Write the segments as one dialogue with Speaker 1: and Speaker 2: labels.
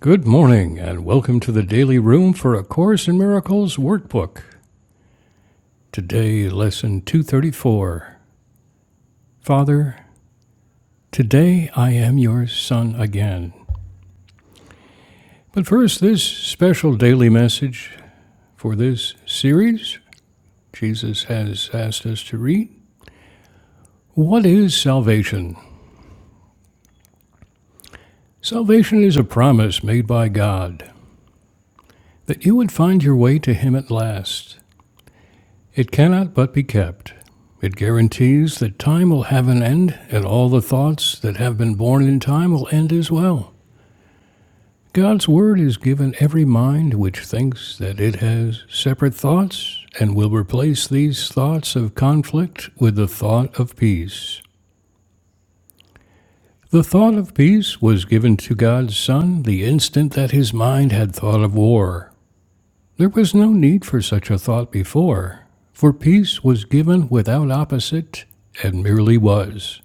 Speaker 1: Good morning, and welcome to the Daily Room for A Course in Miracles Workbook. Today, Lesson 234 Father, today I am your Son again. But first, this special daily message for this series Jesus has asked us to read. What is salvation? Salvation is a promise made by God that you would find your way to Him at last. It cannot but be kept. It guarantees that time will have an end, and all the thoughts that have been born in time will end as well. God's word is given every mind which thinks that it has separate thoughts and will replace these thoughts of conflict with the thought of peace. The thought of peace was given to God's Son the instant that his mind had thought of war. There was no need for such a thought before, for peace was given without opposite and merely was.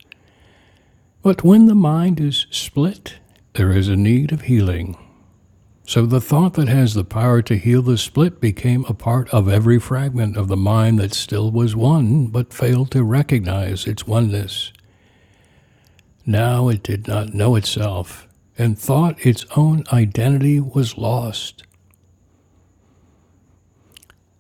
Speaker 1: But when the mind is split, there is a need of healing. So the thought that has the power to heal the split became a part of every fragment of the mind that still was one, but failed to recognize its oneness. Now it did not know itself, and thought its own identity was lost.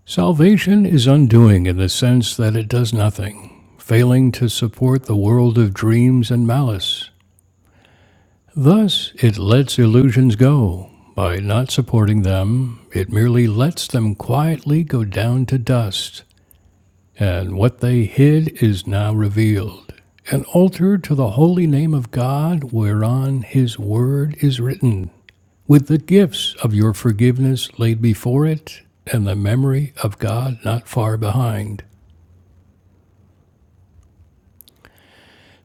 Speaker 1: Salvation is undoing in the sense that it does nothing, failing to support the world of dreams and malice. Thus, it lets illusions go. By not supporting them, it merely lets them quietly go down to dust, and what they hid is now revealed. An altar to the holy name of God, whereon his word is written, with the gifts of your forgiveness laid before it, and the memory of God not far behind.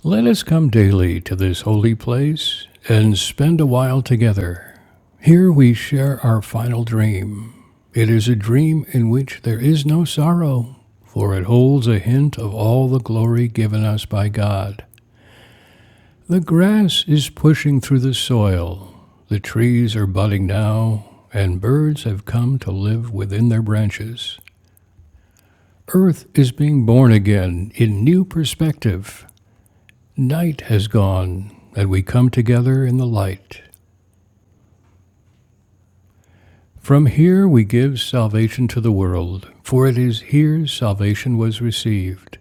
Speaker 1: Let us come daily to this holy place and spend a while together. Here we share our final dream. It is a dream in which there is no sorrow, for it holds a hint of all the glory given us by God. The grass is pushing through the soil, the trees are budding now, and birds have come to live within their branches. Earth is being born again in new perspective, Night has gone, and we come together in the light. From here we give salvation to the world, for it is here salvation was received.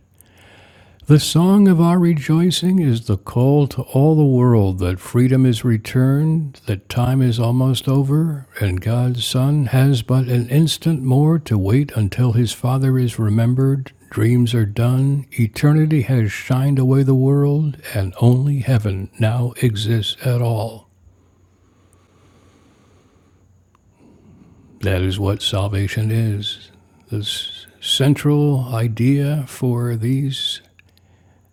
Speaker 1: The song of our rejoicing is the call to all the world that freedom is returned, that time is almost over, and God's Son has but an instant more to wait until his Father is remembered, dreams are done, eternity has shined away the world, and only heaven now exists at all. That is what salvation is. The central idea for these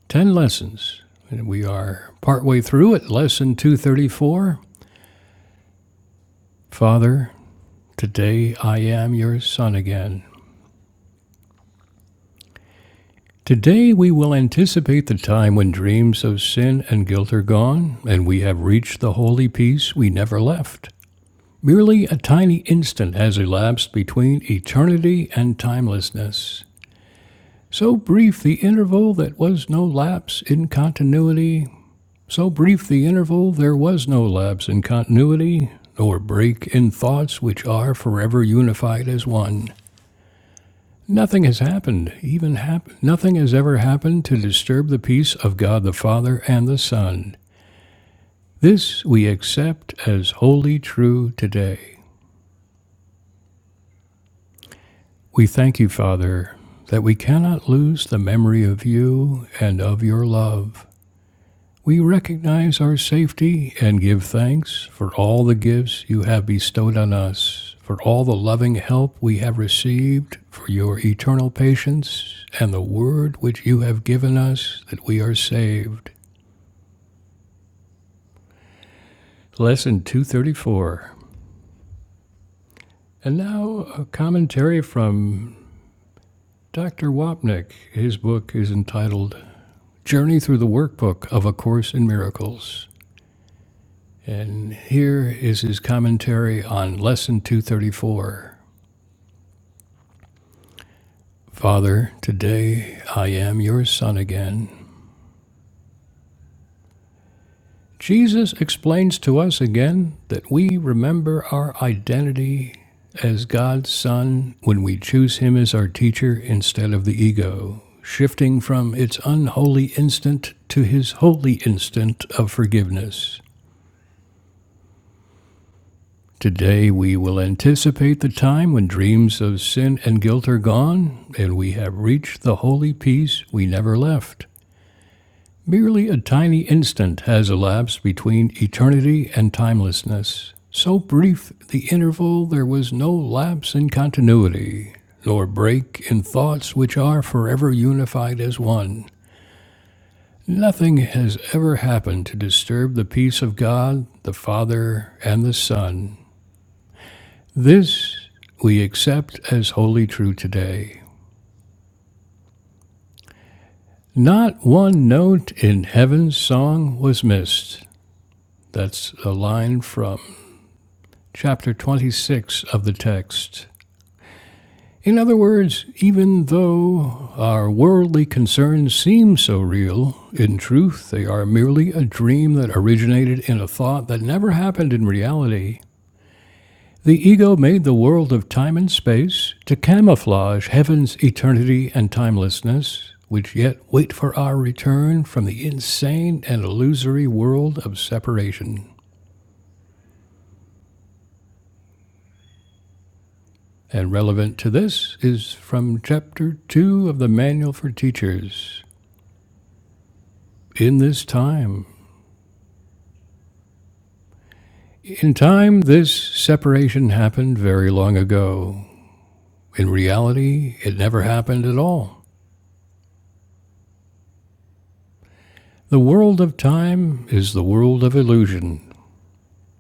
Speaker 1: 10 lessons. And we are partway through it, lesson 234. Father, today I am your son again. Today we will anticipate the time when dreams of sin and guilt are gone, and we have reached the holy peace we never left. Merely a tiny instant has elapsed between eternity and timelessness. So brief the interval that was no lapse in continuity. So brief the interval there was no lapse in continuity, nor break in thoughts which are forever unified as one. Nothing has happened, even hap- nothing has ever happened to disturb the peace of God the Father and the Son. This we accept as wholly true today. We thank you, Father, that we cannot lose the memory of you and of your love. We recognize our safety and give thanks for all the gifts you have bestowed on us, for all the loving help we have received, for your eternal patience, and the word which you have given us that we are saved. Lesson 234. And now a commentary from Dr. Wapnick. His book is entitled Journey Through the Workbook of A Course in Miracles. And here is his commentary on Lesson 234. Father, today I am your son again. Jesus explains to us again that we remember our identity as God's son when we choose him as our teacher instead of the ego, shifting from its unholy instant to his holy instant of forgiveness. Today we will anticipate the time when dreams of sin and guilt are gone and we have reached the holy peace we never left. Merely a tiny instant has elapsed between eternity and timelessness. So brief the interval, there was no lapse in continuity, nor break in thoughts which are forever unified as one. Nothing has ever happened to disturb the peace of God, the Father, and the Son. This we accept as wholly true today. Not one note in heaven's song was missed. That's a line from chapter 26 of the text. In other words, even though our worldly concerns seem so real, in truth they are merely a dream that originated in a thought that never happened in reality. The ego made the world of time and space to camouflage heaven's eternity and timelessness, which yet wait for our return from the insane and illusory world of separation. And relevant to this is from chapter 2 of the Manual for Teachers. In this time. In time, this separation happened very long ago. In reality, it never happened at all. The world of time is the world of illusion.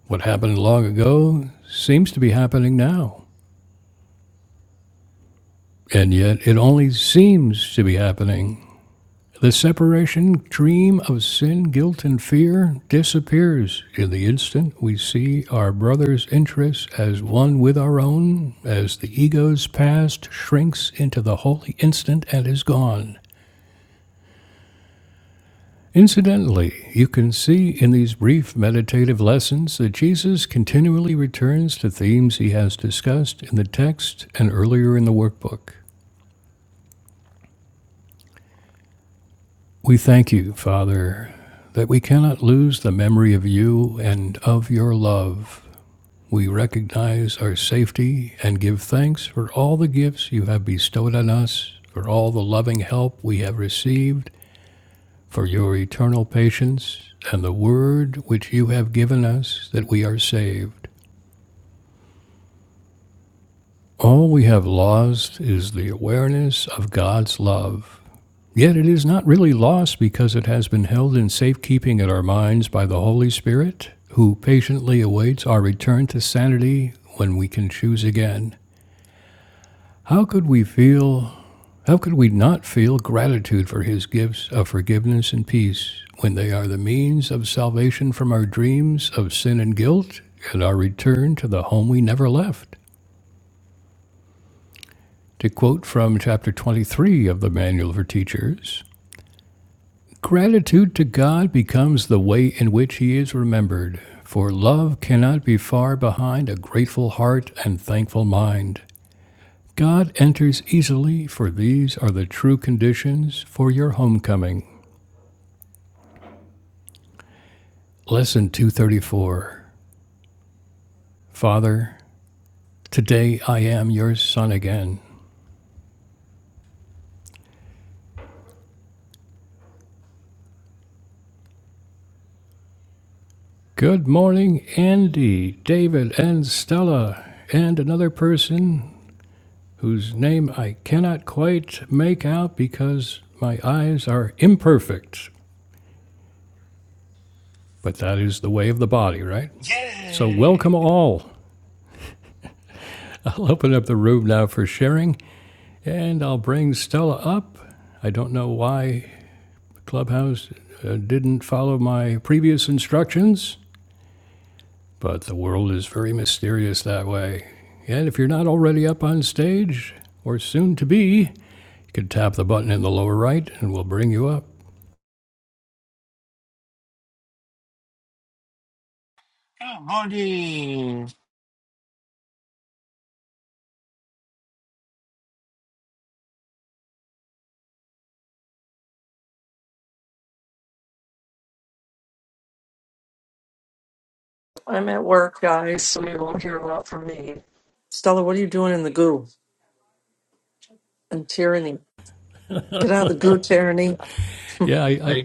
Speaker 1: What happened long ago seems to be happening now. And yet, it only seems to be happening. The separation dream of sin, guilt, and fear disappears in the instant we see our brother's interests as one with our own, as the ego's past shrinks into the holy instant and is gone. Incidentally, you can see in these brief meditative lessons that Jesus continually returns to themes he has discussed in the text and earlier in the workbook. We thank you, Father, that we cannot lose the memory of you and of your love. We recognize our safety and give thanks for all the gifts you have bestowed on us, for all the loving help we have received, for your eternal patience and the word which you have given us that we are saved. All we have lost is the awareness of God's love. Yet it is not really lost because it has been held in safekeeping in our minds by the Holy Spirit, who patiently awaits our return to sanity when we can choose again. How could we feel, how could we not feel gratitude for his gifts of forgiveness and peace when they are the means of salvation from our dreams of sin and guilt and our return to the home we never left? To quote from chapter 23 of the Manual for Teachers, Gratitude to God becomes the way in which He is remembered, for love cannot be far behind a grateful heart and thankful mind. God enters easily, for these are the true conditions for your homecoming. Lesson 234 Father, today I am your son again. Good morning, Andy, David, and Stella, and another person whose name I cannot quite make out because my eyes are imperfect. But that is the way of the body, right? So,
Speaker 2: Yay!
Speaker 1: welcome all. I'll open up the room now for sharing, and I'll bring Stella up. I don't know why Clubhouse uh, didn't follow my previous instructions, but the world is very mysterious that way. And if you're not already up on stage, or soon to be, you can tap the button in the lower right and we'll bring you up.
Speaker 2: Good morning!
Speaker 3: I'm at work, guys, so you won't hear a lot from me. Stella, what are you doing in the goo and tyranny? Get out of the goo, tyranny.
Speaker 1: Yeah, I, I,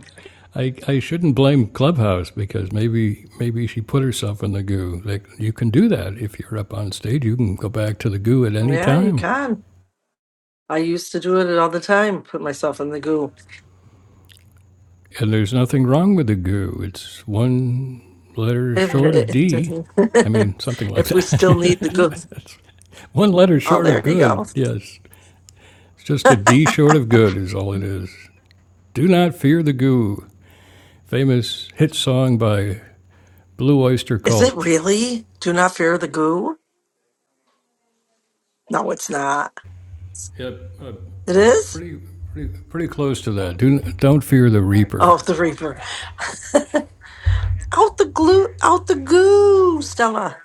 Speaker 1: I, I shouldn't blame Clubhouse because maybe maybe she put herself in the goo. Like you can do that if you're up on stage, you can go back to the goo at any
Speaker 3: Yeah, you
Speaker 1: time,
Speaker 3: can. I used to do it all the time, put myself in the goo.
Speaker 1: and there's nothing wrong with the goo. It's one letter short of
Speaker 3: If,
Speaker 1: D. I mean, something like
Speaker 3: we still need
Speaker 1: that.
Speaker 3: the goo.
Speaker 1: one letter
Speaker 3: Oh,
Speaker 1: short of
Speaker 3: there you go.
Speaker 1: good. Yes, it's just a D short of good is all it is. Do not fear the goo. Famous hit song by Blue Oyster
Speaker 3: Is it
Speaker 1: Cult.
Speaker 3: really? Do not fear the goo? No, it's not.
Speaker 1: Yep, uh,
Speaker 3: It is?
Speaker 1: Pretty, pretty, pretty close to that. Do don't fear the
Speaker 3: Oh,
Speaker 1: reaper.
Speaker 3: the Reaper. out the glue, out the goo, Stella.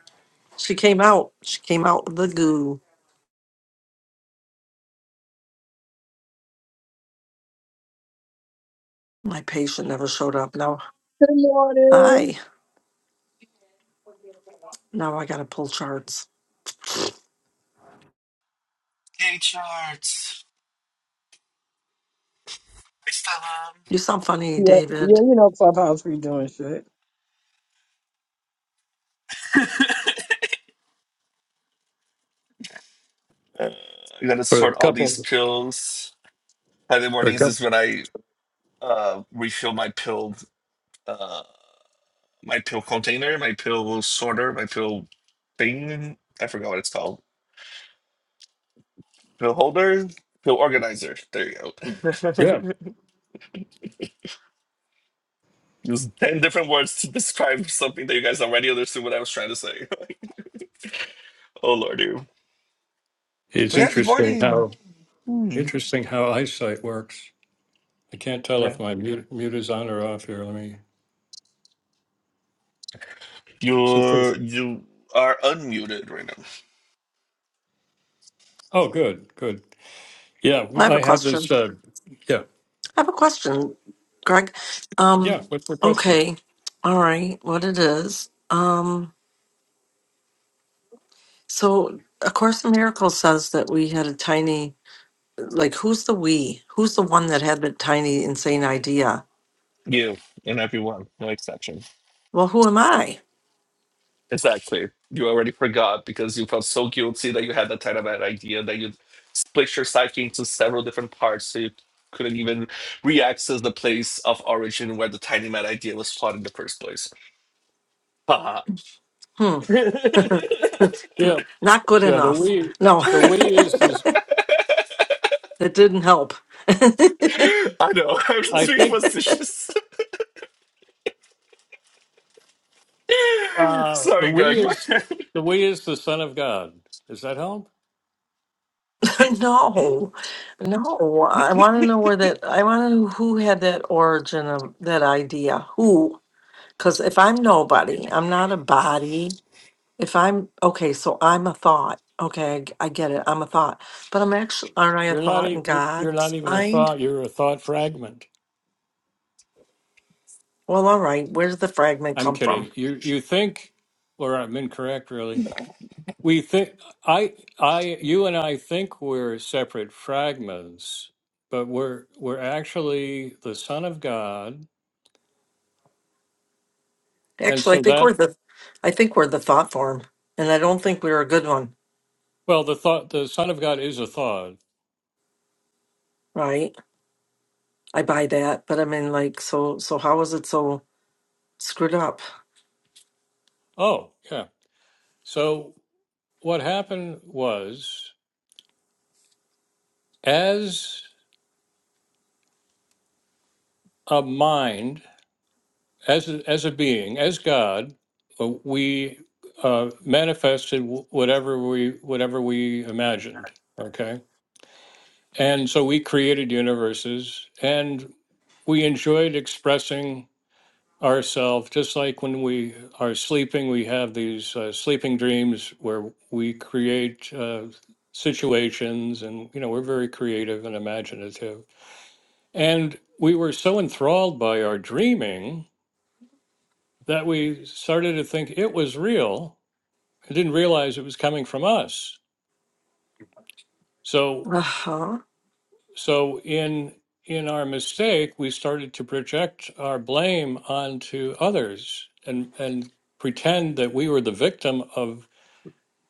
Speaker 3: She came out. She came out of the goo. My patient never showed up. No.
Speaker 4: Good morning.
Speaker 3: Hi. Now I got to pull charts.
Speaker 2: Yay, charts! It's time!
Speaker 3: You sound funny,
Speaker 4: Yeah, yeah,
Speaker 3: David.
Speaker 4: you know Clubhouse be doing shit.
Speaker 2: Uh, I gotta
Speaker 1: For a
Speaker 2: sort all these
Speaker 1: couple,
Speaker 2: pills. Friday
Speaker 1: for a
Speaker 2: mornings
Speaker 1: couple,
Speaker 2: is when I uh, refill my pill, uh, my pill container, my pill sorter, my pill thing. I forgot what it's called. Pill holder, pill organizer. There you go.
Speaker 1: yeah.
Speaker 2: Use 10 different words to describe something that you guys already understood what I was trying to say. oh, lordy.
Speaker 1: It's
Speaker 2: But yeah, good
Speaker 1: interesting
Speaker 2: morning!
Speaker 1: how
Speaker 2: Hmm.
Speaker 1: interesting how eyesight works. I can't tell
Speaker 2: Yeah.
Speaker 1: if my mute, mute is on or off here. Let me. Since it's,
Speaker 2: You're you are unmuted right now.
Speaker 1: oh, good, good. Yeah,
Speaker 3: I
Speaker 1: w-
Speaker 3: have a
Speaker 1: I have
Speaker 3: question.
Speaker 1: this. Uh, yeah,
Speaker 3: I have a question, Greg. Um,
Speaker 1: yeah. What's the question?
Speaker 3: okay. All right. What it is. Um, so, A Course in Miracles says that we had a tiny, like, who's the we? Who's the one that had the tiny, insane idea?
Speaker 2: You and everyone, no exception.
Speaker 3: Well, who am I?
Speaker 2: Exactly. You already forgot because you felt so guilty that you had that kind of an idea that you split your psyche into several different parts so you couldn't even re-access the place of origin where the tiny mad idea was flawed in the first place. Haha.
Speaker 3: Hmm. N-
Speaker 1: Yeah,
Speaker 3: not good
Speaker 1: yeah. The
Speaker 3: enough.
Speaker 1: we,
Speaker 3: No,
Speaker 1: the we is this.
Speaker 3: it didn't help.
Speaker 2: I know, I'm just
Speaker 1: I
Speaker 2: being
Speaker 1: think
Speaker 2: facetious.
Speaker 1: uh, the
Speaker 2: Sorry,
Speaker 1: we
Speaker 2: Greg. oh,
Speaker 1: is the we is the Son of God. Does that help?
Speaker 3: no, no. I want to know where that. I want to know who had that origin of that idea. Who? Because if I'm nobody, I'm not a body. If I'm okay, so I'm a thought. Okay, I, g- I get it. I'm a thought, but I'm actually aren't I a
Speaker 1: You're not.
Speaker 3: thought in
Speaker 1: e- You're not
Speaker 3: God's
Speaker 1: even a
Speaker 3: mind?
Speaker 1: thought. You're a thought fragment.
Speaker 3: Well, all right. Where does the fragment
Speaker 1: I'm
Speaker 3: come from?
Speaker 1: kidding. You you think, or I'm incorrect, really. We think I I you and I think we're separate fragments, but we're we're actually the Son of God, and
Speaker 3: Actually,
Speaker 1: so
Speaker 3: I think
Speaker 1: that
Speaker 3: we're the, I think we're the thought form, and I don't think we're a good one,
Speaker 1: well the thought the Son of God is a thought.
Speaker 3: right? I buy that, but I mean, like, so, so how is it so screwed up?
Speaker 1: Oh yeah. So what happened was, as a mind, as a, as a being, as God, uh, we uh, manifested wh- whatever we whatever we imagined. Okay And so we created universes and we enjoyed expressing ourselves, just like when we are sleeping, we have these uh, sleeping dreams where we create uh, situations and, you know, we're very creative and imaginative. And we were so enthralled by our dreaming that we started to think it was real and didn't realize it was coming from us. So.
Speaker 3: Uh huh.
Speaker 1: So in in our mistake, we started to project our blame onto others and and pretend that we were the victim of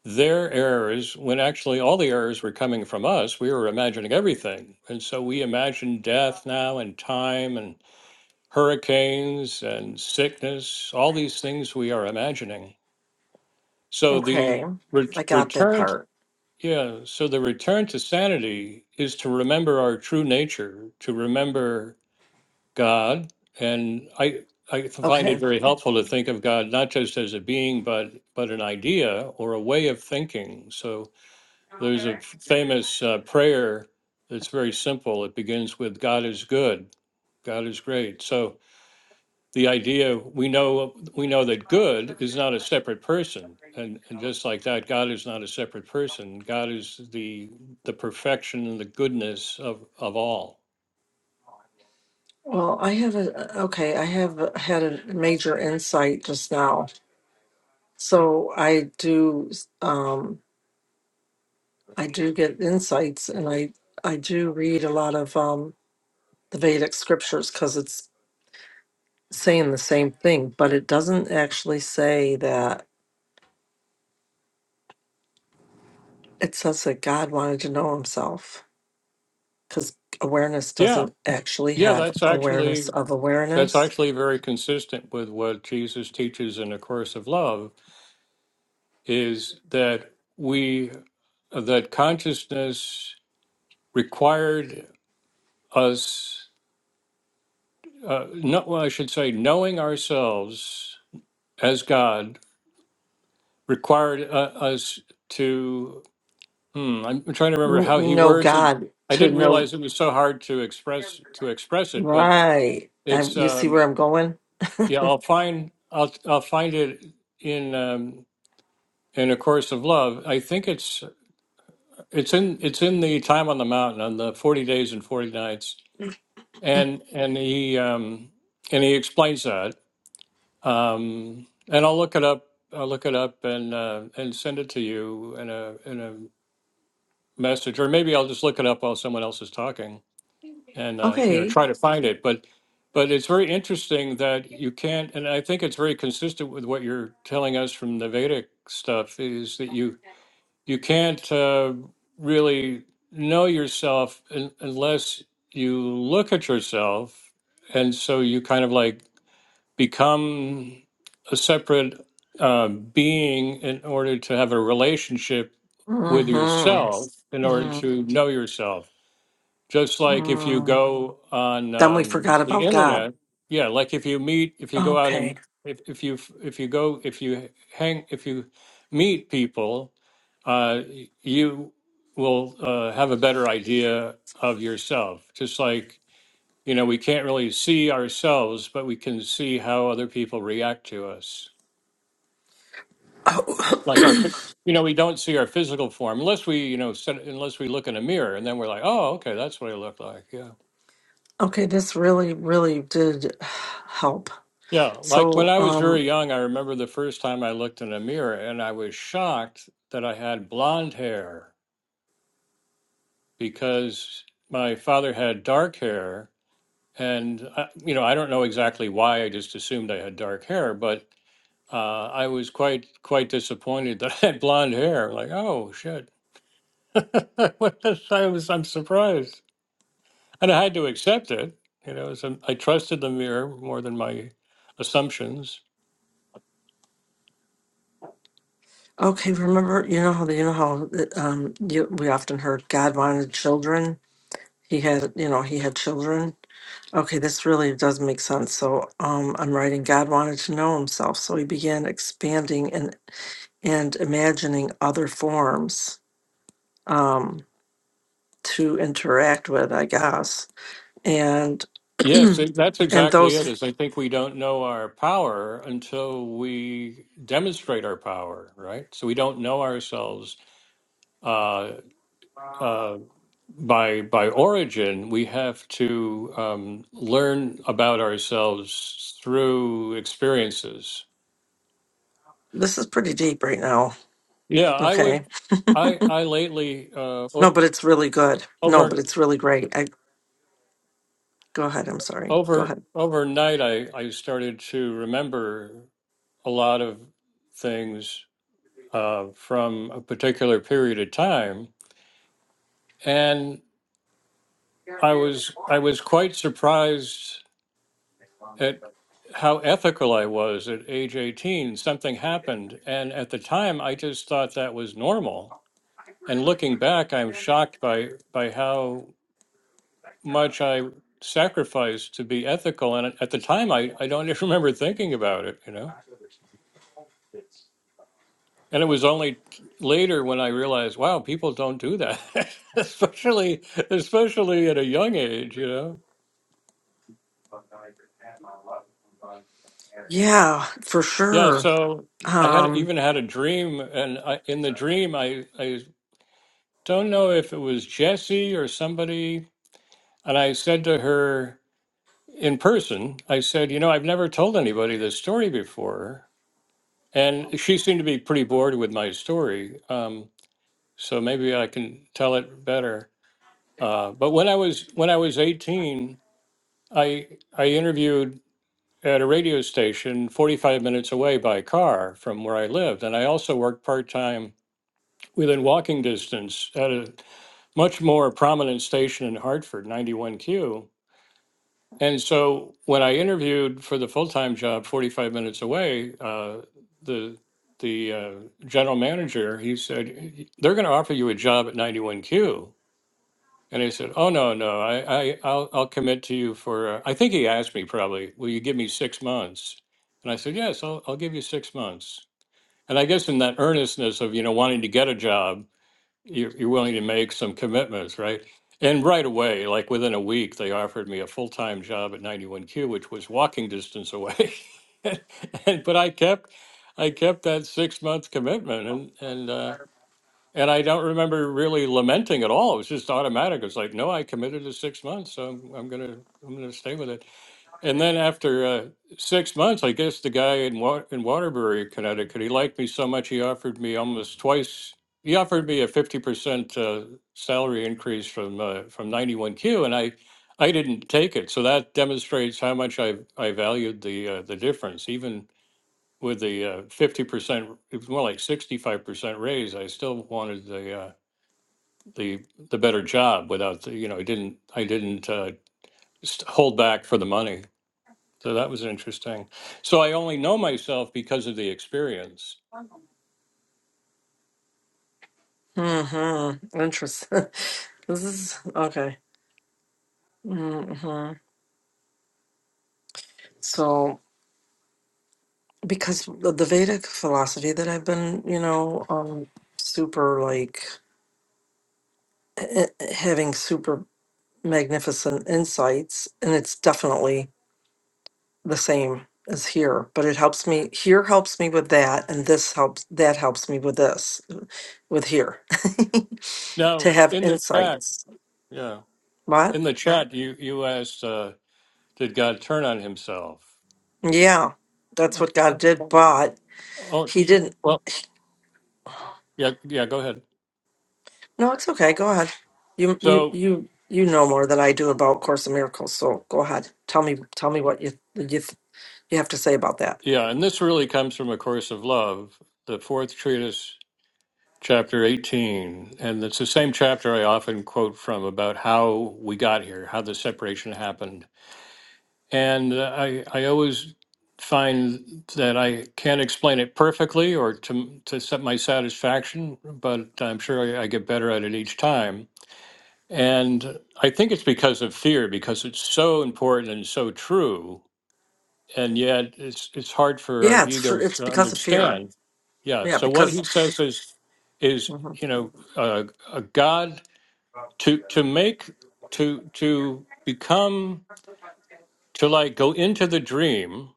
Speaker 1: their errors when actually all the errors were coming from us. We were imagining everything. And so we imagine death now and time and hurricanes and sickness, all these things we are imagining. So the
Speaker 3: Okay,
Speaker 1: ret-
Speaker 3: I got that
Speaker 1: return
Speaker 3: part.
Speaker 1: yeah, so the return to sanity is to remember our true nature, to remember God, and I I find it
Speaker 3: Okay.
Speaker 1: very helpful to think of God not just as a being, but but an idea or a way of thinking. So there's a f- famous uh, prayer that's very simple. It begins with God is good, God is great. So the idea we know we know that good is not a separate person, and and just like that, God is not a separate person. God is the the perfection and the goodness of of all.
Speaker 3: Well, I have a okay, I have had a major insight just now. So I do um I do get insights and I I do read a lot of um the Vedic scriptures cuz it's saying the same thing, but it doesn't actually say that it says that God wanted to know himself cuz awareness
Speaker 1: Yeah,
Speaker 3: doesn't actually
Speaker 1: yeah,
Speaker 3: have
Speaker 1: that's actually
Speaker 3: awareness of
Speaker 1: that's
Speaker 3: awareness.
Speaker 1: actually very consistent with what Jesus teaches in the course of love is that we that consciousness required us uh, no, well, I should say knowing ourselves as God required uh, us to hmm, I'm trying to remember
Speaker 3: N-
Speaker 1: how he
Speaker 3: know
Speaker 1: words it
Speaker 3: God
Speaker 1: I
Speaker 3: to
Speaker 1: didn't
Speaker 3: know
Speaker 1: realize it was so hard to express to express it but
Speaker 3: Right. I,
Speaker 1: it's
Speaker 3: you see
Speaker 1: um,
Speaker 3: where I'm going?
Speaker 1: yeah I'll find I'll I'll find it in um, in a course of love i think it's it's in it's in the time on the mountain on the 40 days and 40 nights and and he um and he explains that um and i'll look it up i'll look it up and uh and send it to you in a in a message or maybe i'll just look it up while someone else is talking and uh you know
Speaker 3: Okay.
Speaker 1: try to find it but but it's very interesting that you can't and i think it's very consistent with what you're telling us from the vedic stuff is that you you can't uh, really know yourself un- unless you look at yourself and so you kind of like become a separate uh, being in order to have a relationship with yourself in
Speaker 3: Mm-hmm.
Speaker 1: order to know yourself just like if you
Speaker 3: Mm-hmm.
Speaker 1: go on
Speaker 3: Then we
Speaker 1: um,
Speaker 3: forgot
Speaker 1: the
Speaker 3: about God.
Speaker 1: internet yeah like if you meet if you go out
Speaker 3: Okay.
Speaker 1: and if, if you if you go if you hang if you meet people uh, you will uh, have a better idea of yourself just like you know we can't really see ourselves but we can see how other people react to us
Speaker 3: Oh,
Speaker 1: like our phy- you know we don't see our physical form unless we you know set, unless we look in a mirror and then we're like oh okay that's what i look like yeah
Speaker 3: okay. This really, really did help.
Speaker 1: Yeah, like when
Speaker 3: So,
Speaker 1: I was very
Speaker 3: um,
Speaker 1: young, I remember the first time I looked in a mirror and I was shocked that I had blonde hair because my father had dark hair. And, I, you know, I don't know exactly why. I just assumed I had dark hair, but uh, I was quite, quite disappointed that I had blonde hair. Like, oh, shit. What the- I was, I'm surprised. And I had to accept it. You know, so I trusted the mirror more than my assumptions.
Speaker 3: okay. Remember, you know how you know how um you, we often heard God wanted children. He had, you know, he had children. Okay, this really does make sense. So, um, I'm writing. God wanted to know Himself, so He began expanding and. and imagining other forms um, to interact with, I guess. And
Speaker 1: Yes, it- that's
Speaker 3: and
Speaker 1: exactly it.
Speaker 3: those
Speaker 1: Is I think we don't know our power until we demonstrate our power, right? So we don't know ourselves uh, uh, by by origin. We have to um, learn about ourselves through experiences.
Speaker 3: this is pretty deep right now.
Speaker 1: Yeah, I would.
Speaker 3: Okay.
Speaker 1: I I lately uh,
Speaker 3: No,
Speaker 1: o-
Speaker 3: but it's really good. No, but
Speaker 1: over
Speaker 3: it's really great. I go ahead. I'm sorry. Go
Speaker 1: over
Speaker 3: ahead.
Speaker 1: overnight I I started to remember a lot of things uh, from a particular period of time, and I was I was quite surprised at how ethical I was at age 18. Something happened, and at the time, I just thought that was normal. And looking back, I'm shocked by by how much I sacrificed to be ethical. And at at the time, I I don't even remember thinking about it. You know. And it was only later when I realized, wow, people don't do that, especially especially at a young age, you know.
Speaker 3: Yeah, for
Speaker 1: Yeah,
Speaker 3: sure.
Speaker 1: so I had
Speaker 3: Um.
Speaker 1: even had a dream, and I, in the dream, I I don't know if it was Jessie or somebody, and I said to her in person, I said, you know, I've never told anybody this story before, and she seemed to be pretty bored with my story, um, so maybe I can tell it better. Uh, but when I was when I was eighteen. I I interviewed at a radio station 45 minutes away by car from where I lived, and I also worked part time within walking distance at a much more prominent station in Hartford, 91Q. And so when I interviewed for the full time job 45 minutes away, uh, the the uh, general manager he said they're going to offer you a job at 91Q. And I said, "Oh no, no, I, I, I'll, I'll commit to you for." Uh, I think he asked me probably, "Will you give me six months?" And I said, "Yes, I'll, I'll give you six months." And I guess in that earnestness of you know wanting to get a job, you're, you're willing to make some commitments, right? And right away, like within a week, they offered me a full time job at 91Q, which was walking distance away. and, but I kept, I kept that six month commitment, and and uh, and I don't remember really lamenting at all. It was just automatic. It's like, no, I committed to six months, so I'm, I'm gonna I'm gonna stay with it. And then after uh, six months, I guess the guy in Wa- in Waterbury, Connecticut, he liked me so much he offered me almost twice. He offered me a fifty percent uh, salary increase from uh, from ninety one Q, and I I didn't take it. So that demonstrates how much I I valued the uh, the difference, even with the uh, fifty percent, it was more like sixty-five percent raise, I still wanted the, uh, the, the better job without, the you know, I didn't, I didn't uh, st- hold back for the money. So that was interesting. So I only know myself because of the experience.
Speaker 3: Hmm. Interesting. this is okay. Hmm. So because the the Vedic philosophy that I've been, you know, um, super like eh, eh, having super magnificent insights and it's definitely the same as here but it helps me here helps me with that and this helps that helps me with this with here
Speaker 1: Now,
Speaker 3: to
Speaker 1: i-
Speaker 3: have
Speaker 1: in the chat,
Speaker 3: insights
Speaker 1: yeah,
Speaker 3: what
Speaker 1: in the chat, you, you asked, uh, did God turn on himself?
Speaker 3: yeah that's
Speaker 1: Or-
Speaker 3: what god did but
Speaker 1: Oh,
Speaker 3: he didn't
Speaker 1: well, yeah, yeah, go ahead.
Speaker 3: no it's okay go ahead you you
Speaker 1: So,
Speaker 3: you you know more than i do about course in miracles so go ahead tell me tell me what you you, you have to say about that
Speaker 1: yeah, and this really comes from A Course of Love, the fourth treatise chapter 18 and it's the same chapter i often quote from about how we got here how the separation happened and uh, i i always find that i can't explain it perfectly or to to set my satisfaction but i'm sure I, I get better at it each time and i think it's because of fear because it's so important and so true and yet it's it's hard for our
Speaker 3: yeah it's for
Speaker 1: ego
Speaker 3: it's
Speaker 1: to
Speaker 3: because of fear
Speaker 1: understand. Yeah.
Speaker 3: yeah
Speaker 1: So what
Speaker 3: because
Speaker 1: he says is is
Speaker 3: mm-hmm.
Speaker 1: you know uh, a God to to make to to become to like go into the dream.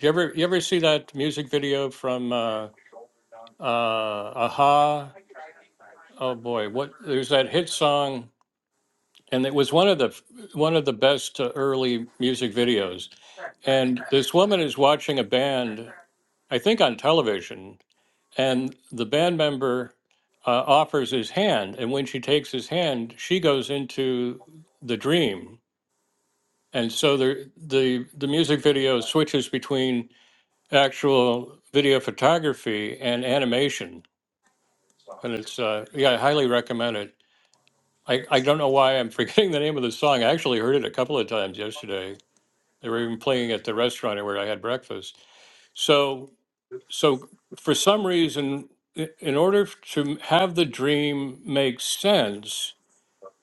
Speaker 1: You ever you ever see that music video from uh, uh, Aha? Oh boy, what there's that hit song, and it was one of the one of the best uh, early music videos. And this woman is watching a band, I think on television, and the band member uh, offers his hand and when she takes his hand she goes into the dream and so the the the music video switches between actual video photography and animation and it's uh, yeah i highly recommend it I, I don't know why i'm forgetting the name of the song i actually heard it a couple of times yesterday they were even playing at the restaurant where i had breakfast so so for some reason i- in order f- to have the dream make sense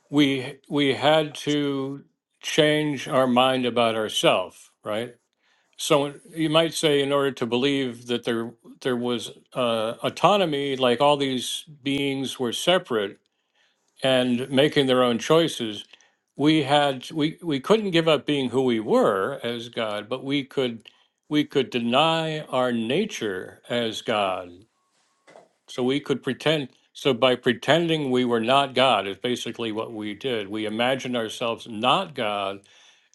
Speaker 1: we we had to change our mind about ourselves right so you might say in order to believe that there there was uh, autonomy like all these beings were separate and making their own choices we had we we couldn't give up being who we were as god but we could we could deny our nature as god so we could pretend, so by pretending we were not God is basically what we did. We imagined ourselves not God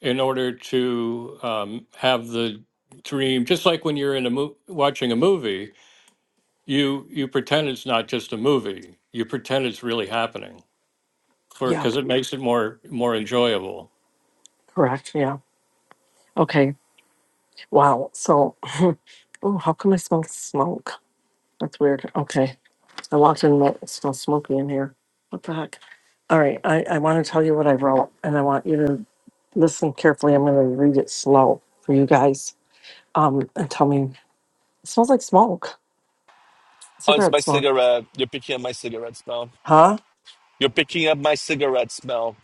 Speaker 1: in order to um, have the dream, just like when you're in a mo- watching a movie, you you pretend it's not just a movie. You pretend it's really happening for because
Speaker 3: Yep,
Speaker 1: it makes it more more enjoyable.
Speaker 3: correct. Yeah. Okay. Wow. So, oh, how come I smell smoke? That's weird. Okay. I walked in, and it smells smoky in here. What the heck? All right. I, I want to tell you what I wrote, and I want you to listen carefully. I'm going to read it slow for you guys. Um, and tell me, it smells like smoke,
Speaker 2: it's my
Speaker 3: cigarette smoke.
Speaker 2: cigarette. You're picking up my cigarette smell.
Speaker 3: Huh?
Speaker 2: You're picking up my cigarette smell.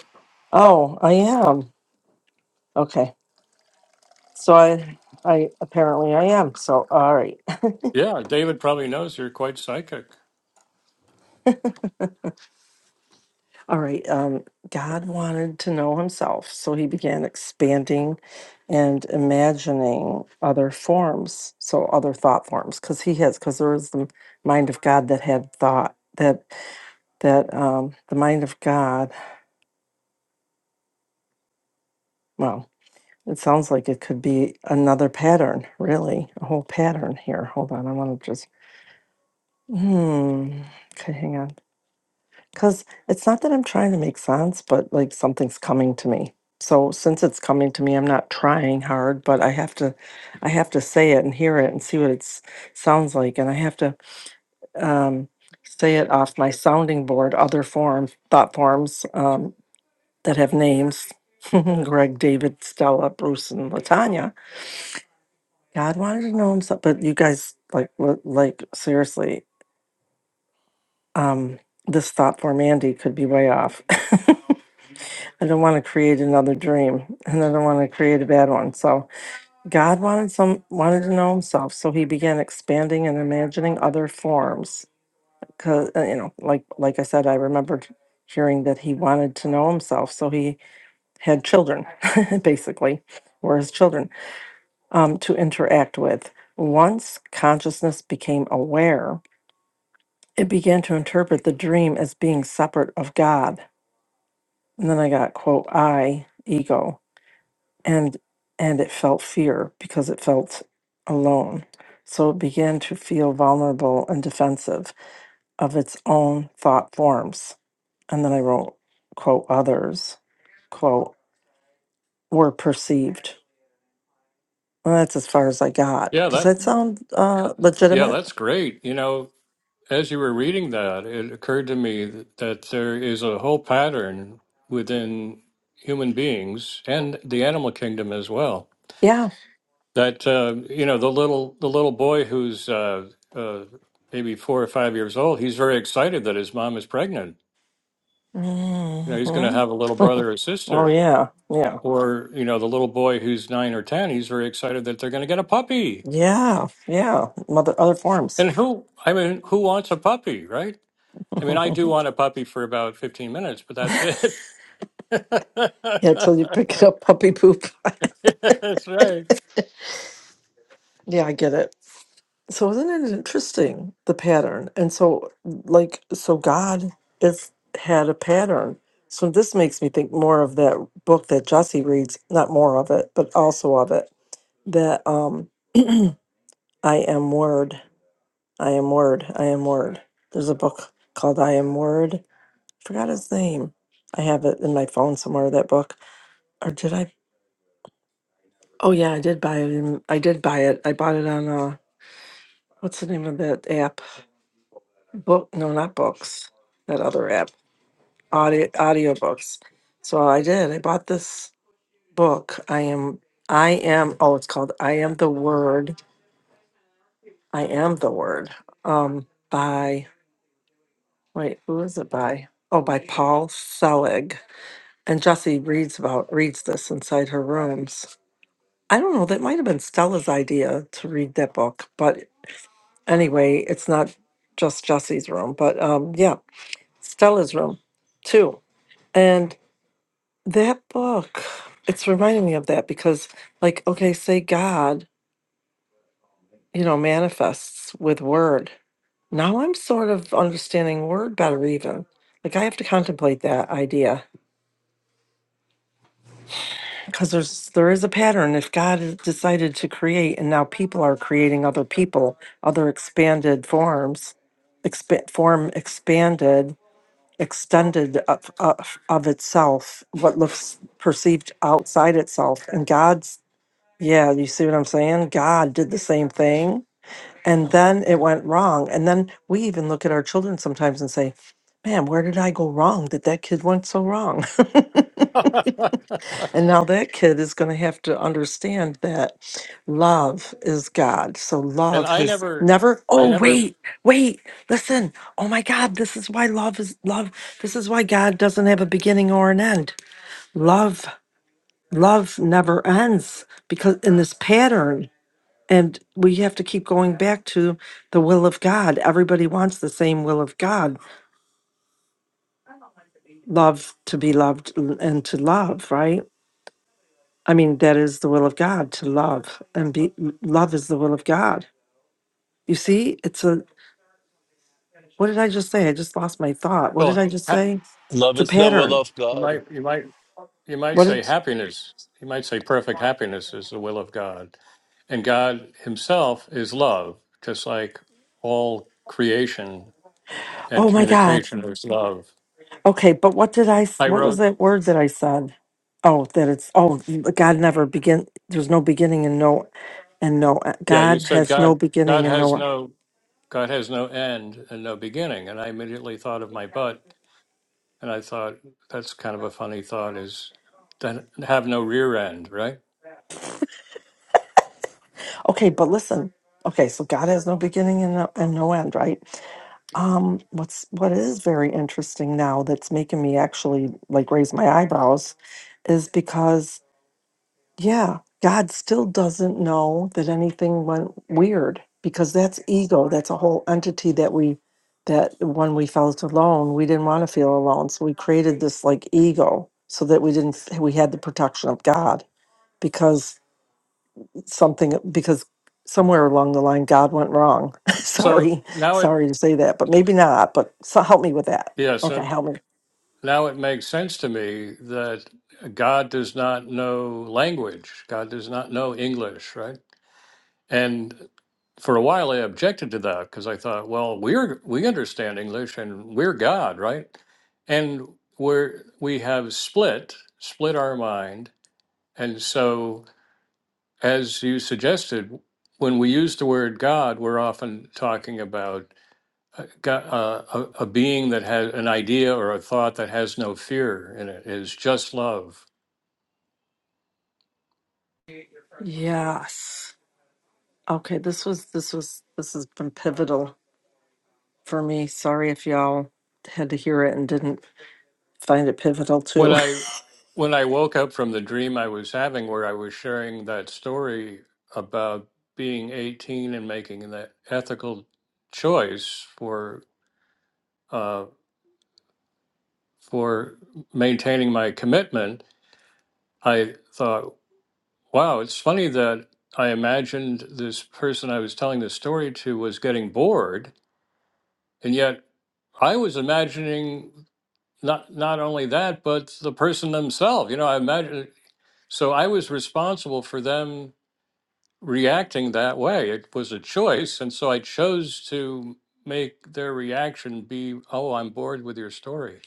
Speaker 3: Oh, I am. Okay. So I, I apparently I am. So all right.
Speaker 1: Yeah, David probably knows you're quite psychic.
Speaker 3: All right. Um, God wanted to know himself, so he began expanding and imagining other forms, so other thought forms, because he has, because there is the mind of God that had thought that that um, the mind of God. Well, it sounds like it could be another pattern, really, a whole pattern here. Hold on, I want to just. Hmm. Okay, hang on. Because it's not that I'm trying to make sense, but like something's coming to me. So since it's coming to me, I'm not trying hard, but I have to, I have to say it and hear it and see what it sounds like, and I have to um, say it off my sounding board, other forms, thought forms um, that have names, Greg, David, Stella, Bruce, and Latanya. God wanted to know him, so- but you guys like, what- like seriously, um, this thought form, Andy, could be way off. I don't want to create another dream and I don't want to create a bad one. So God wanted some wanted to know himself, so he began expanding and imagining other forms. Cause uh, you know, like like I said, I remembered hearing that he wanted to know himself, so he had children, basically, were his children, um, to interact with. Once consciousness became aware, it began to interpret the dream as being separate of God. And then I got quote I ego and and it felt fear because it felt alone so it began to feel vulnerable and defensive of its own thought forms and then i wrote quote others quote were perceived well that's as far as i got
Speaker 1: Yeah,
Speaker 3: does
Speaker 1: that
Speaker 3: that sound uh
Speaker 1: yeah,
Speaker 3: legitimate
Speaker 1: that's great. You know, as you were reading that, it occurred to me th- that there is a whole pattern within human beings and the animal kingdom as well.
Speaker 3: yeah
Speaker 1: That uh, you know, the little the little boy who's uh, uh, maybe four or five years old, he's very excited that his mom is pregnant. You know, he's going
Speaker 3: hmm
Speaker 1: to have a little brother or
Speaker 3: oh
Speaker 1: sister.
Speaker 3: yeah yeah
Speaker 1: Or you know, the little boy who's nine or ten, he's very excited that they're going to get a puppy.
Speaker 3: yeah yeah mother other forms
Speaker 1: And who, I mean, who wants a puppy, right? I mean, I do want a puppy for about 15 minutes, but that's it.
Speaker 3: yeah till you pick it up puppy poop
Speaker 1: That's right.
Speaker 3: yeah i get it So isn't it interesting the pattern? And so like so God is had a pattern. So this makes me think more of that book that Jesse reads, not more of it, but also of it. That um I am word. I am word. I am word. There's a book called I Am Word. Forgot his name. I have it in my phone somewhere, that book. Or did I oh yeah, I did buy it in, I did buy it. I bought it on uh what's the name of that app? book no not books that other app audio audiobooks so i did i bought this book i am i am oh it's called i am the word i am the word um by wait who is it by oh by paul selig and jesse reads about reads this inside her rooms i don't know that might have been stella's idea to read that book but anyway it's not just jesse's room but um yeah stella's room too That book, it's reminding me of that because, like, okay, say God, you know, manifests with word. Now I'm sort of understanding word better, even. Like, I have to contemplate that idea because there's there is a pattern. If God has decided to create, and now people are creating other people, other expanded forms, expa- form expanded, extended of, of of itself, what looks perceived outside itself, and God's Yeah, you see what I'm saying? God did the same thing and then it went wrong. And then we even look at our children sometimes and say, Man, where did I go wrong that that kid went so wrong? and now that kid is going to have to understand that love is God. So
Speaker 1: and
Speaker 3: love
Speaker 1: I
Speaker 3: has
Speaker 1: never,
Speaker 3: never,
Speaker 1: I
Speaker 3: oh,
Speaker 1: never.
Speaker 3: wait, wait, listen. Oh my God, this is why love is love. This is why God doesn't have a beginning or an end. Love, love never ends because in this pattern And we have to keep going back to the will of God. Everybody wants the same will of God love to be loved l- and to love, right? I mean, that is the will of God to love and be love is the will of God. You see, it's a what did I just say? I just lost my thought. What did
Speaker 1: Well,
Speaker 3: I just
Speaker 1: ha-
Speaker 3: say?
Speaker 2: Love
Speaker 3: It's a
Speaker 2: is the will
Speaker 3: pattern.
Speaker 2: of
Speaker 1: you might,
Speaker 2: God.
Speaker 1: you might, you might
Speaker 3: What
Speaker 1: say
Speaker 3: did
Speaker 1: happiness. You might say perfect happiness is the will of God, and God Himself is love, just like all creation and
Speaker 3: oh my God.
Speaker 1: communication is love.
Speaker 3: Okay, but what did I? s-
Speaker 1: I
Speaker 3: What was
Speaker 1: wrote,
Speaker 3: that word that I said? Oh, that it's oh, God never begin. There's no beginning and no, and no. uh,
Speaker 1: yeah, you
Speaker 3: God
Speaker 1: said
Speaker 3: has no
Speaker 1: God, God
Speaker 3: beginning and
Speaker 1: has
Speaker 3: no. end.
Speaker 1: no, God has no end and no beginning, and I immediately thought of my butt And I thought that's kind of a funny thought is then have no rear end, right?
Speaker 3: Okay, but listen. Okay, so God has no beginning and no, and no end, right? Um, what's what is very interesting now that's making me actually like raise my eyebrows, is because Yeah, God still doesn't know that anything went weird because that's ego. That's a whole entity that we, that when we felt alone, we didn't want to feel alone. So we created this like ego so that we didn't, f- we had the protection of God because something, because somewhere along the line, God went wrong.
Speaker 1: So
Speaker 3: sorry,
Speaker 1: now it
Speaker 3: sorry to say that, but maybe not. But so help me with that.
Speaker 1: yes,
Speaker 3: Okay,
Speaker 1: and
Speaker 3: help me.
Speaker 1: now it makes sense to me that God does not know language. God does not know English, right? And for a while I objected to that because I thought, well, we're we understand English and we're God, right? And we're we have split split our mind, and so as you suggested, when we use the word God, we're often talking about a, go- uh, a, a being that has an idea or a thought that has no fear in it, is just love.
Speaker 3: Yes. Okay, this was, this was, this has been pivotal. for me. Sorry if y'all had to hear it and didn't find it pivotal
Speaker 1: When
Speaker 3: too.
Speaker 1: I when I woke up from the dream I was having, where I was sharing that story about being 18 and making that ethical choice for uh, for maintaining my commitment, I thought. Wow, it's funny that I imagined this person I was telling this story to was getting bored, and yet I was imagining not not only that, but the person themselves. You know, I imagine so I was responsible for them reacting that way. It was a choice, and so I chose to make their reaction be, "Oh, I'm bored with your story."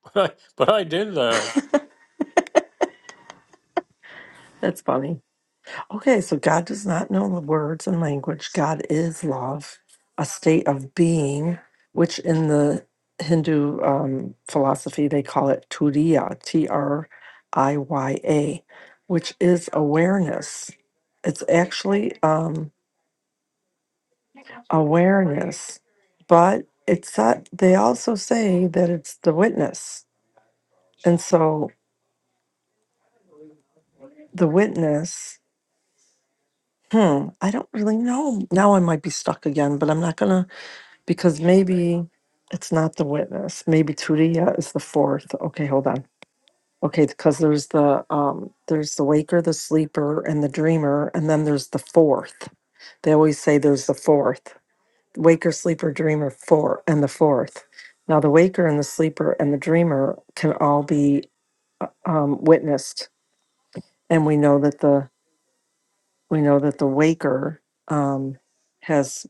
Speaker 1: but I did that.
Speaker 3: That's funny. Okay, so God does not know the words and language. God is love, a state of being, which in the Hindu um, philosophy they call it Turiya, T R I Y A, which is awareness. It's actually um, awareness, but it's that they also say that it's the witness. And so the witness hmm i don't really know now i might be stuck again but i'm not gonna because maybe it's not the witness maybe turiya is the fourth okay hold on okay because there's the um there's the waker the sleeper and the dreamer and then there's the fourth they always say there's the fourth waker sleeper dreamer four and the fourth now the waker and the sleeper and the dreamer can all be uh, um, witnessed and we know that the We know that the Waker um, has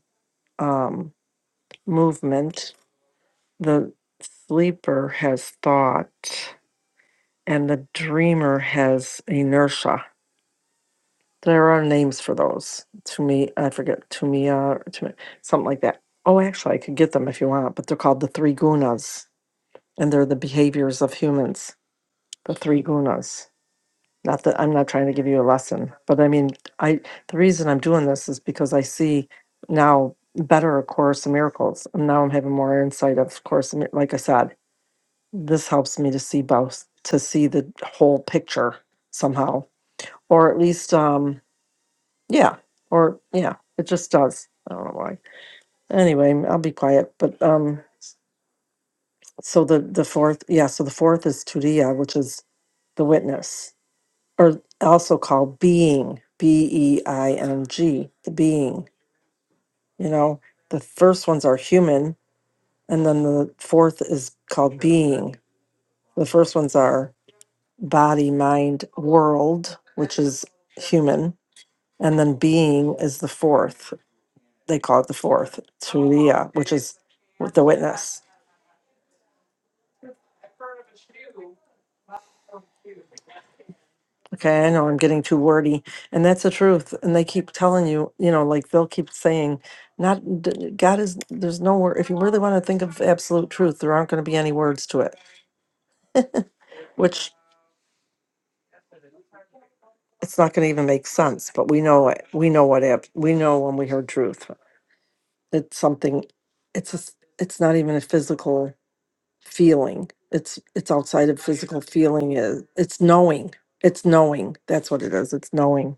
Speaker 3: um, movement, the sleeper has thought, and the dreamer has inertia. There are names for those. To me, I forget. To me, uh, to something like that. Oh, actually, I could get them if you want, but they're called the three gunas, and they're the behaviors of humans. The three gunas. Not that I'm not trying to give you a lesson, but I mean, I the reason I'm doing this is because I see now better A Course in Miracles, and now I'm having more insight of Course. in Mir- Like I said, this helps me to see both, to see the whole picture somehow, or at least, um, yeah, or yeah, it just does. I don't know why. Anyway, I'll be quiet. But um, so the the fourth, yeah, so the fourth is Tudia, which is the witness or also called being, B E I N G, the being. You know, the first ones are human, and then the fourth is called being. The first ones are body, mind, world, which is human, and then being is the fourth. They call it the fourth, Turiya, which is the witness. Okay, I know I'm getting too wordy, and that's the truth. And they keep telling you, you know, like they'll keep saying, not d- God is there's no word. If you really want to think of absolute truth, there aren't going to be any words to it, which it's not going to even make sense. But we know it. We know what ab- we know when we heard truth. It's something. It's a, s- It's not even a physical feeling. It's it's outside of physical feeling. Is it's knowing. It's knowing. That's what it is. It's knowing.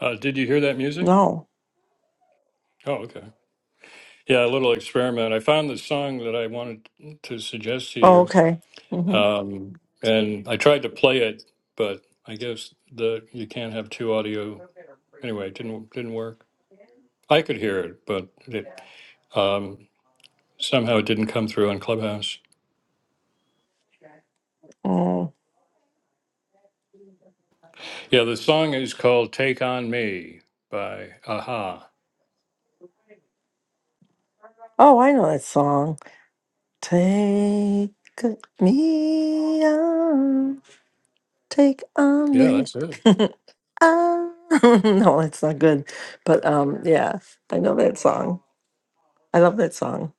Speaker 1: Uh, did you hear that music?
Speaker 3: No.
Speaker 1: Oh, okay. Yeah, a little experiment. I found the song that I wanted to suggest to
Speaker 3: Oh,
Speaker 1: you,
Speaker 3: okay. Mm-hmm.
Speaker 1: um, and I tried to play it, but I guess the you can't have two audio. Anyway, it didn't didn't work. I could hear it, but it um, somehow it didn't come through on Clubhouse.
Speaker 3: Mm.
Speaker 1: Yeah, the song is called "Take on Me" by Aha.
Speaker 3: Oh, I know that song. Take me on, take on
Speaker 1: Yeah,
Speaker 3: me
Speaker 1: that's it.
Speaker 3: on. no, it's not good. But um, yeah, I know that song. I love that song.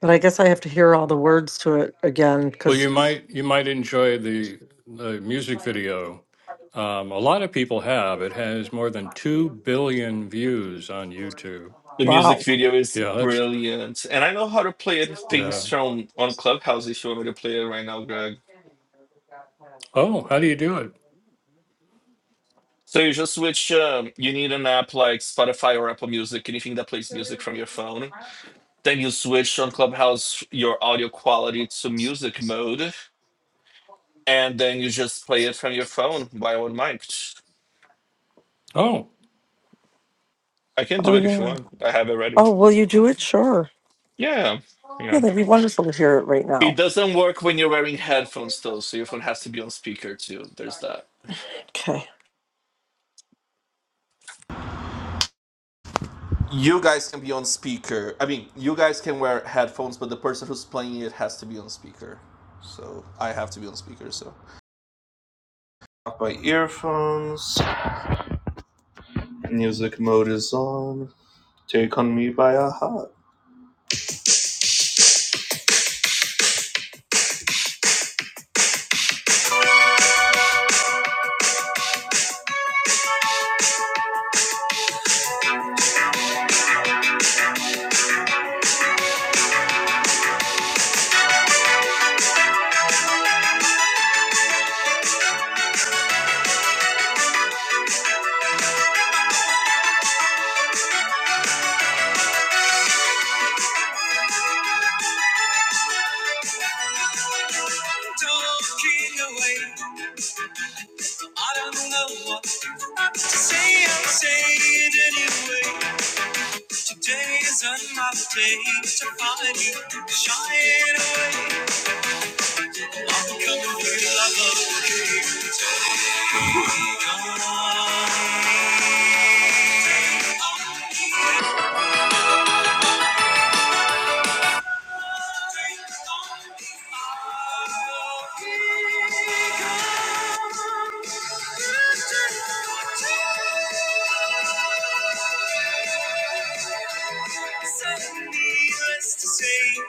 Speaker 3: But I guess I have to hear all the words to it again
Speaker 1: Well,
Speaker 3: because,
Speaker 1: you might you might enjoy the the music video. Um, a lot of people have. It has more than two billion views on YouTube.
Speaker 2: The music
Speaker 3: wow.
Speaker 2: video is
Speaker 1: Yeah, that's
Speaker 2: brilliant. And I know how to play it things
Speaker 1: yeah.
Speaker 2: from on Clubhouse if you want me to play it right now, Greg.
Speaker 1: Oh, how do you do it?
Speaker 2: So you just switch um, you need an app like Spotify or Apple Music, anything that plays music from your phone. Then you switch on Clubhouse your audio quality to music mode. And then you just play it from your phone while on mic.
Speaker 1: Oh,
Speaker 2: I can
Speaker 3: Oh,
Speaker 2: do it if you
Speaker 3: yeah.
Speaker 2: want. I have it ready.
Speaker 3: Oh, will you do it? Sure.
Speaker 2: Yeah. Yeah.
Speaker 3: Yeah, that'd be wonderful to hear it right now.
Speaker 2: It doesn't work when you're wearing headphones though, so your phone has to be on speaker too. There's that.
Speaker 3: Okay.
Speaker 2: You guys can be on speaker. I mean, you guys can wear headphones, but the person who's playing it has to be on speaker. So I have to be on speaker. So off my earphones. Music mode is on. Take on me by a heart. say. I'm saying anyway. Today is another day to find you shining away. I'm coming for your love okay. Take on. Send me rest to say.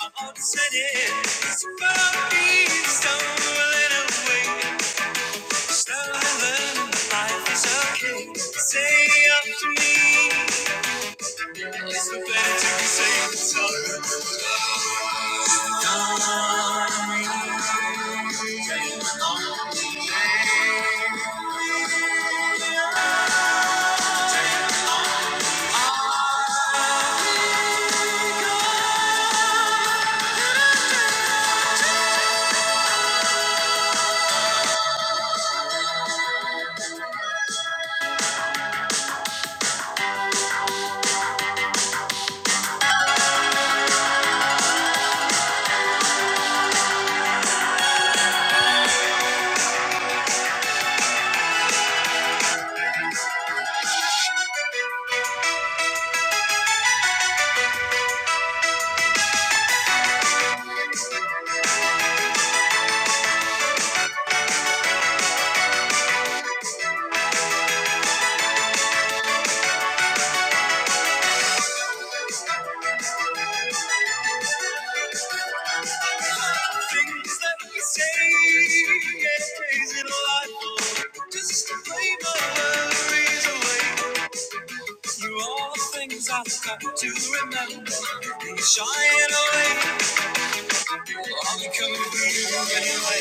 Speaker 2: All the sudden, somebody's stumbling away. Stumbling, life is okay. Say up to me, it's the better to be safe than sorry. Things that we say is crazy delightful. Just a flavor is away. You're all the things I've got to remember. You're away. I'll be coming through you anyway.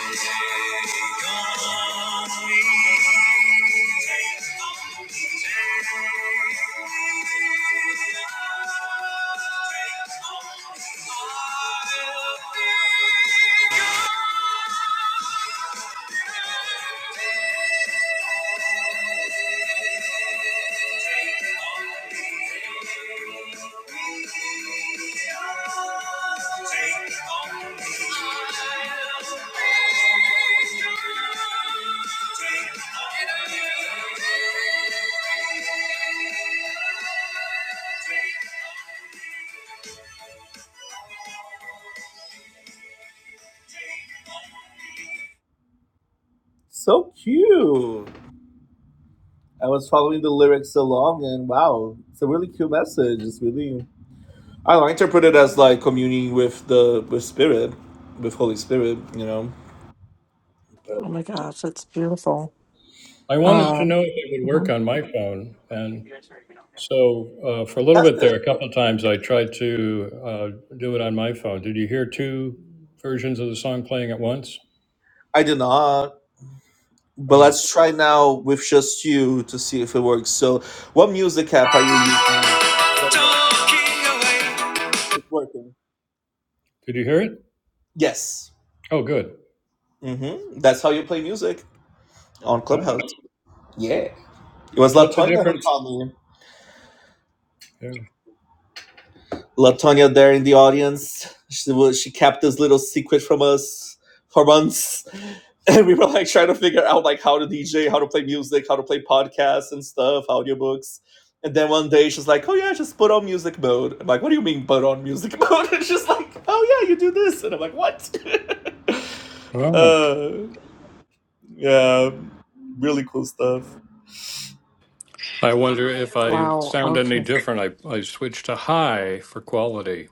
Speaker 2: Take on me. All becoming pretty Take on me. So cute. I was following the lyrics along, and wow, it's a really cute message. It's really I don't know, I interpret it as like communing with the with Spirit, with Holy Spirit. You know,
Speaker 3: Oh
Speaker 2: but
Speaker 3: my gosh, that's beautiful.
Speaker 1: I wanted to
Speaker 3: Uh,
Speaker 1: know if it would work
Speaker 3: mhm.
Speaker 1: on my phone, and so uh, for a little
Speaker 2: that's
Speaker 1: bit
Speaker 2: it.
Speaker 1: there, a couple of times I tried to uh, do it on my phone. Did you hear two versions of the song playing at once?
Speaker 2: I did not. But
Speaker 1: Oh,
Speaker 2: let's try now with just you to see if it works. So, what music app are you using? Very good. It's working.
Speaker 1: did you hear it?
Speaker 2: Yes.
Speaker 1: Oh, good.
Speaker 2: hmm That's how you play music on
Speaker 1: All right.
Speaker 2: Clubhouse. It was
Speaker 1: What's the
Speaker 2: Latonya who
Speaker 1: difference?
Speaker 2: called me. Latonia there in the audience. She was, she kept this little secret from us for months, and we were like trying to figure out like how to DJ, how to play music, how to play podcasts and stuff, audiobooks. And then one day she's like, "Oh yeah, just put on music mode." I'm like, "What do you mean put on music mode?" And she's like, "Oh yeah, you do this," and I'm like, "What?"
Speaker 1: Well,
Speaker 2: uh, yeah, really cool stuff.
Speaker 1: I wonder if I
Speaker 3: Wow.
Speaker 1: sound any
Speaker 3: Okay.
Speaker 1: different. I, I switched to high for quality.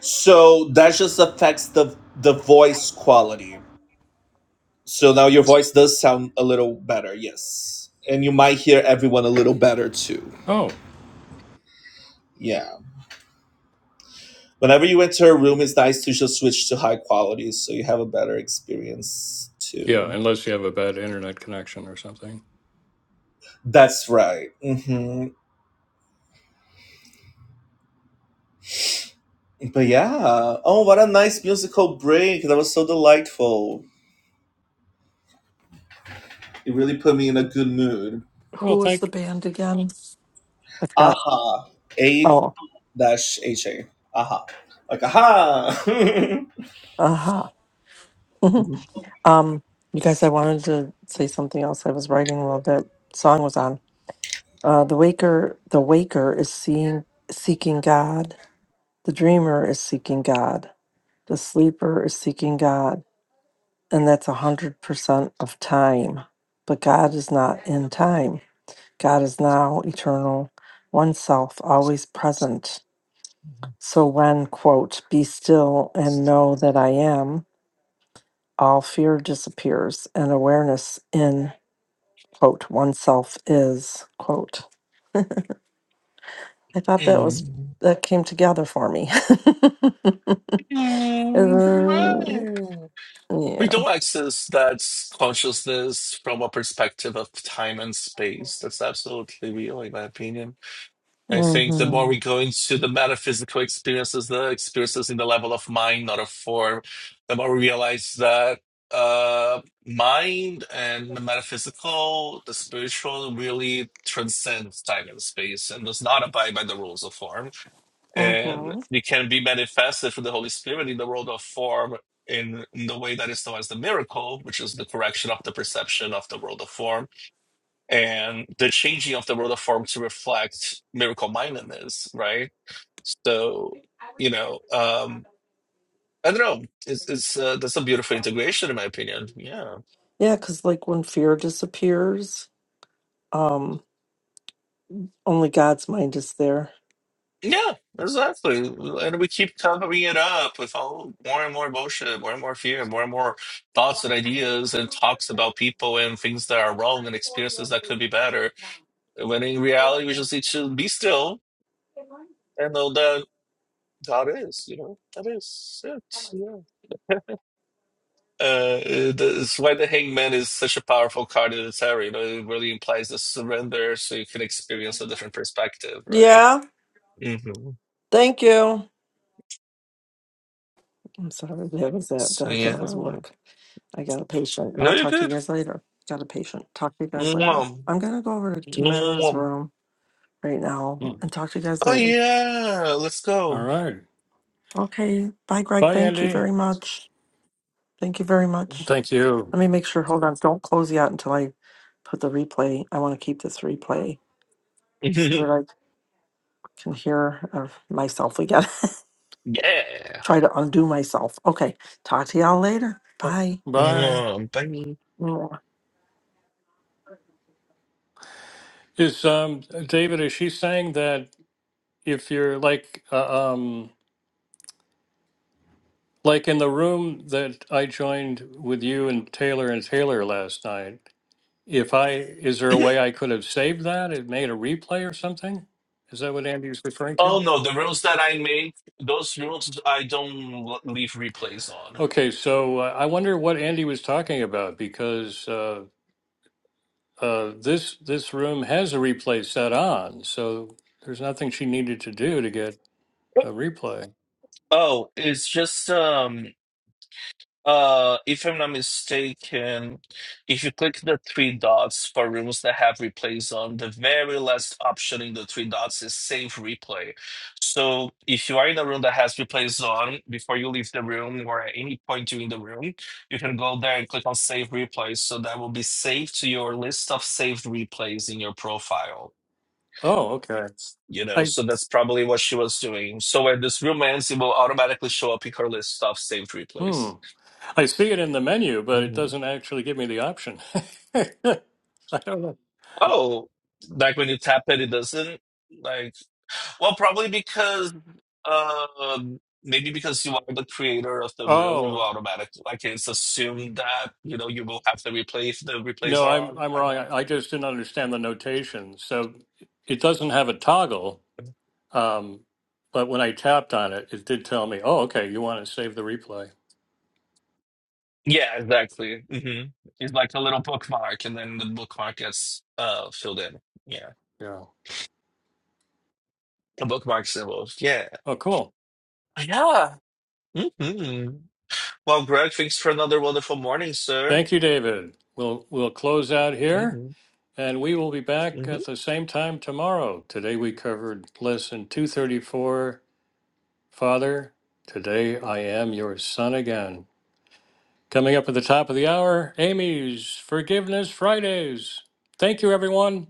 Speaker 2: So that just affects the the voice quality So now your voice does sound a little better, yes. And you might hear everyone a little better too.
Speaker 1: Oh,
Speaker 2: Yeah. Whenever you enter a room, it's nice to just switch to high quality so you have a better experience
Speaker 1: yeah,
Speaker 2: too.
Speaker 1: unless you have a bad internet connection or something.
Speaker 2: That's right. hmm But yeah. Oh, what a nice musical break. That was so delightful. It really put me in a good mood.
Speaker 3: Who
Speaker 1: Well,
Speaker 3: was the
Speaker 1: thank.
Speaker 3: band again? I forgot.
Speaker 2: Aha. A
Speaker 3: Oh,
Speaker 2: dash H A. Aha. Like, aha.
Speaker 3: aha. um, you guys, I wanted to say something else. I was writing while that song was on. Uh, the waker, the waker is seeing, seeking God. The dreamer is seeking God. The sleeper is seeking God, and that's a hundred percent of time. But God is not in time. God is now eternal, oneself, always present. So when quote, be still and know that I am. all fear disappears and awareness in quote oneself is quote i thought that was
Speaker 2: Mm.
Speaker 3: that came together for me
Speaker 2: Mm,
Speaker 3: Um,
Speaker 2: great.
Speaker 3: yeah
Speaker 2: We don't access that consciousness from a perspective of time and space. That's absolutely real, in my opinion. I think the more
Speaker 3: hmm
Speaker 2: we go into the metaphysical experiences, the experiences in the level of mind, not of form, the more we realize that uh, mind and the metaphysical, the spiritual, really transcends time and space and does not abide by the rules of form and
Speaker 3: hmm
Speaker 2: it can be manifested through the Holy Spirit in the world of form in, in the way that is known as the miracle, which is the correction of the perception of the world of form and the changing of the world of form to reflect miracle mindedness, right? So, you know, um, I don't know. It's, it's uh, that's a beautiful integration, in my opinion. Yeah.
Speaker 3: yeah because like when fear disappears um only god's mind is there
Speaker 2: Yeah, exactly. And we keep covering it up with all more and more bullshit, more and more fear, more and more thoughts and ideas and talks about people and things that are wrong and experiences that could be better. When in reality, we just need to be still and know that God is, you know, that is it. Yeah. Uh, it- that's why the Hangman is such a powerful card in the tarot. You know, it really implies the surrender, so you can experience a different perspective, right?
Speaker 3: yeah
Speaker 2: hmm
Speaker 3: thank you i'm sorry that was that
Speaker 2: So
Speaker 3: that,
Speaker 2: yeah,
Speaker 3: that was
Speaker 2: no,
Speaker 3: work i got a patient i'll
Speaker 2: you're
Speaker 3: talk to you
Speaker 2: good.
Speaker 3: guys later got a patient talk to you guys later
Speaker 2: Mwah.
Speaker 3: i'm gonna go over to tamara's
Speaker 2: Mwah.
Speaker 3: room right now
Speaker 1: hmm.
Speaker 3: and talk to you guys
Speaker 2: Oh
Speaker 3: later
Speaker 2: yeah, let's
Speaker 1: All
Speaker 2: go.
Speaker 1: right.
Speaker 3: Okay. Bye, Greg.
Speaker 1: Bye,
Speaker 3: Thank you very
Speaker 1: Andy.
Speaker 3: much. Thank you very much.
Speaker 1: Thank you.
Speaker 3: Let me make sure. Hold on. Don't close yet until I put the replay. I want to keep this replay so
Speaker 2: yeah.
Speaker 3: that I can hear uh, myself again. Try to undo myself. Okay. Talk to y'all later. Bye.
Speaker 1: Bye.
Speaker 2: Mwah, Bye.
Speaker 1: Is um David? Is she saying that if you're like uh, um like in the room that I joined with you and Taylor and Taylor last night? If I is there a way I could have saved that? It made a replay or something? Is that what Andy was referring to?
Speaker 2: Oh no, the rules that I make, those rules I don't l- leave replays on.
Speaker 1: Okay, so uh, I wonder what Andy was talking about because uh, uh, this this room has a replay set on, so there's nothing she needed to do to get a replay.
Speaker 2: Oh, it's just um Uh, if I'm not mistaken, if you click the three dots for rooms that have replays on, the very last option in the three dots is save replay. So if you are in a room that has replays on, before you leave the room or at any point during the room, you can go there and click on save replay. So that will be saved to your list of saved replays in your profile.
Speaker 1: Oh, okay.
Speaker 2: You know,
Speaker 1: I
Speaker 2: so that's probably what she was doing. So when this room ends, it will automatically show up in her list of saved
Speaker 1: hmm.
Speaker 2: replays.
Speaker 1: I see it in the menu, but it doesn't actually give me the option. I don't know.
Speaker 2: Oh, like when you tap it, it doesn't like. Well, probably because uh, maybe because you are the creator of the room, it will
Speaker 1: Oh
Speaker 2: automatically. Like it's assumed that you know you will have to replace the replays
Speaker 1: no,
Speaker 2: are
Speaker 1: I'm
Speaker 2: on.
Speaker 1: I'm
Speaker 2: I don't
Speaker 1: wrong.
Speaker 2: know.
Speaker 1: I, I just didn't understand the notation. So it doesn't have a toggle. Um, but when I tapped on it, it did tell me, "Oh, okay, you want to save the replay."
Speaker 2: Yeah, exactly. hmm It's like a little bookmark, and then the bookmark gets uh filled in. Yeah,
Speaker 1: Yeah.
Speaker 2: the bookmark symbols. Yeah,
Speaker 1: Oh, cool.
Speaker 2: yeah. hmm Well, Greg, thanks for another wonderful morning, sir.
Speaker 1: Thank you, David. We'll we'll close out here,
Speaker 2: hmm
Speaker 1: and we will be
Speaker 2: hmm
Speaker 1: back at the same time tomorrow. Today we covered lesson two thirty four. Father, today I am your son again. Coming up at the top of the hour, Amy's Forgiveness Fridays. Thank you, everyone.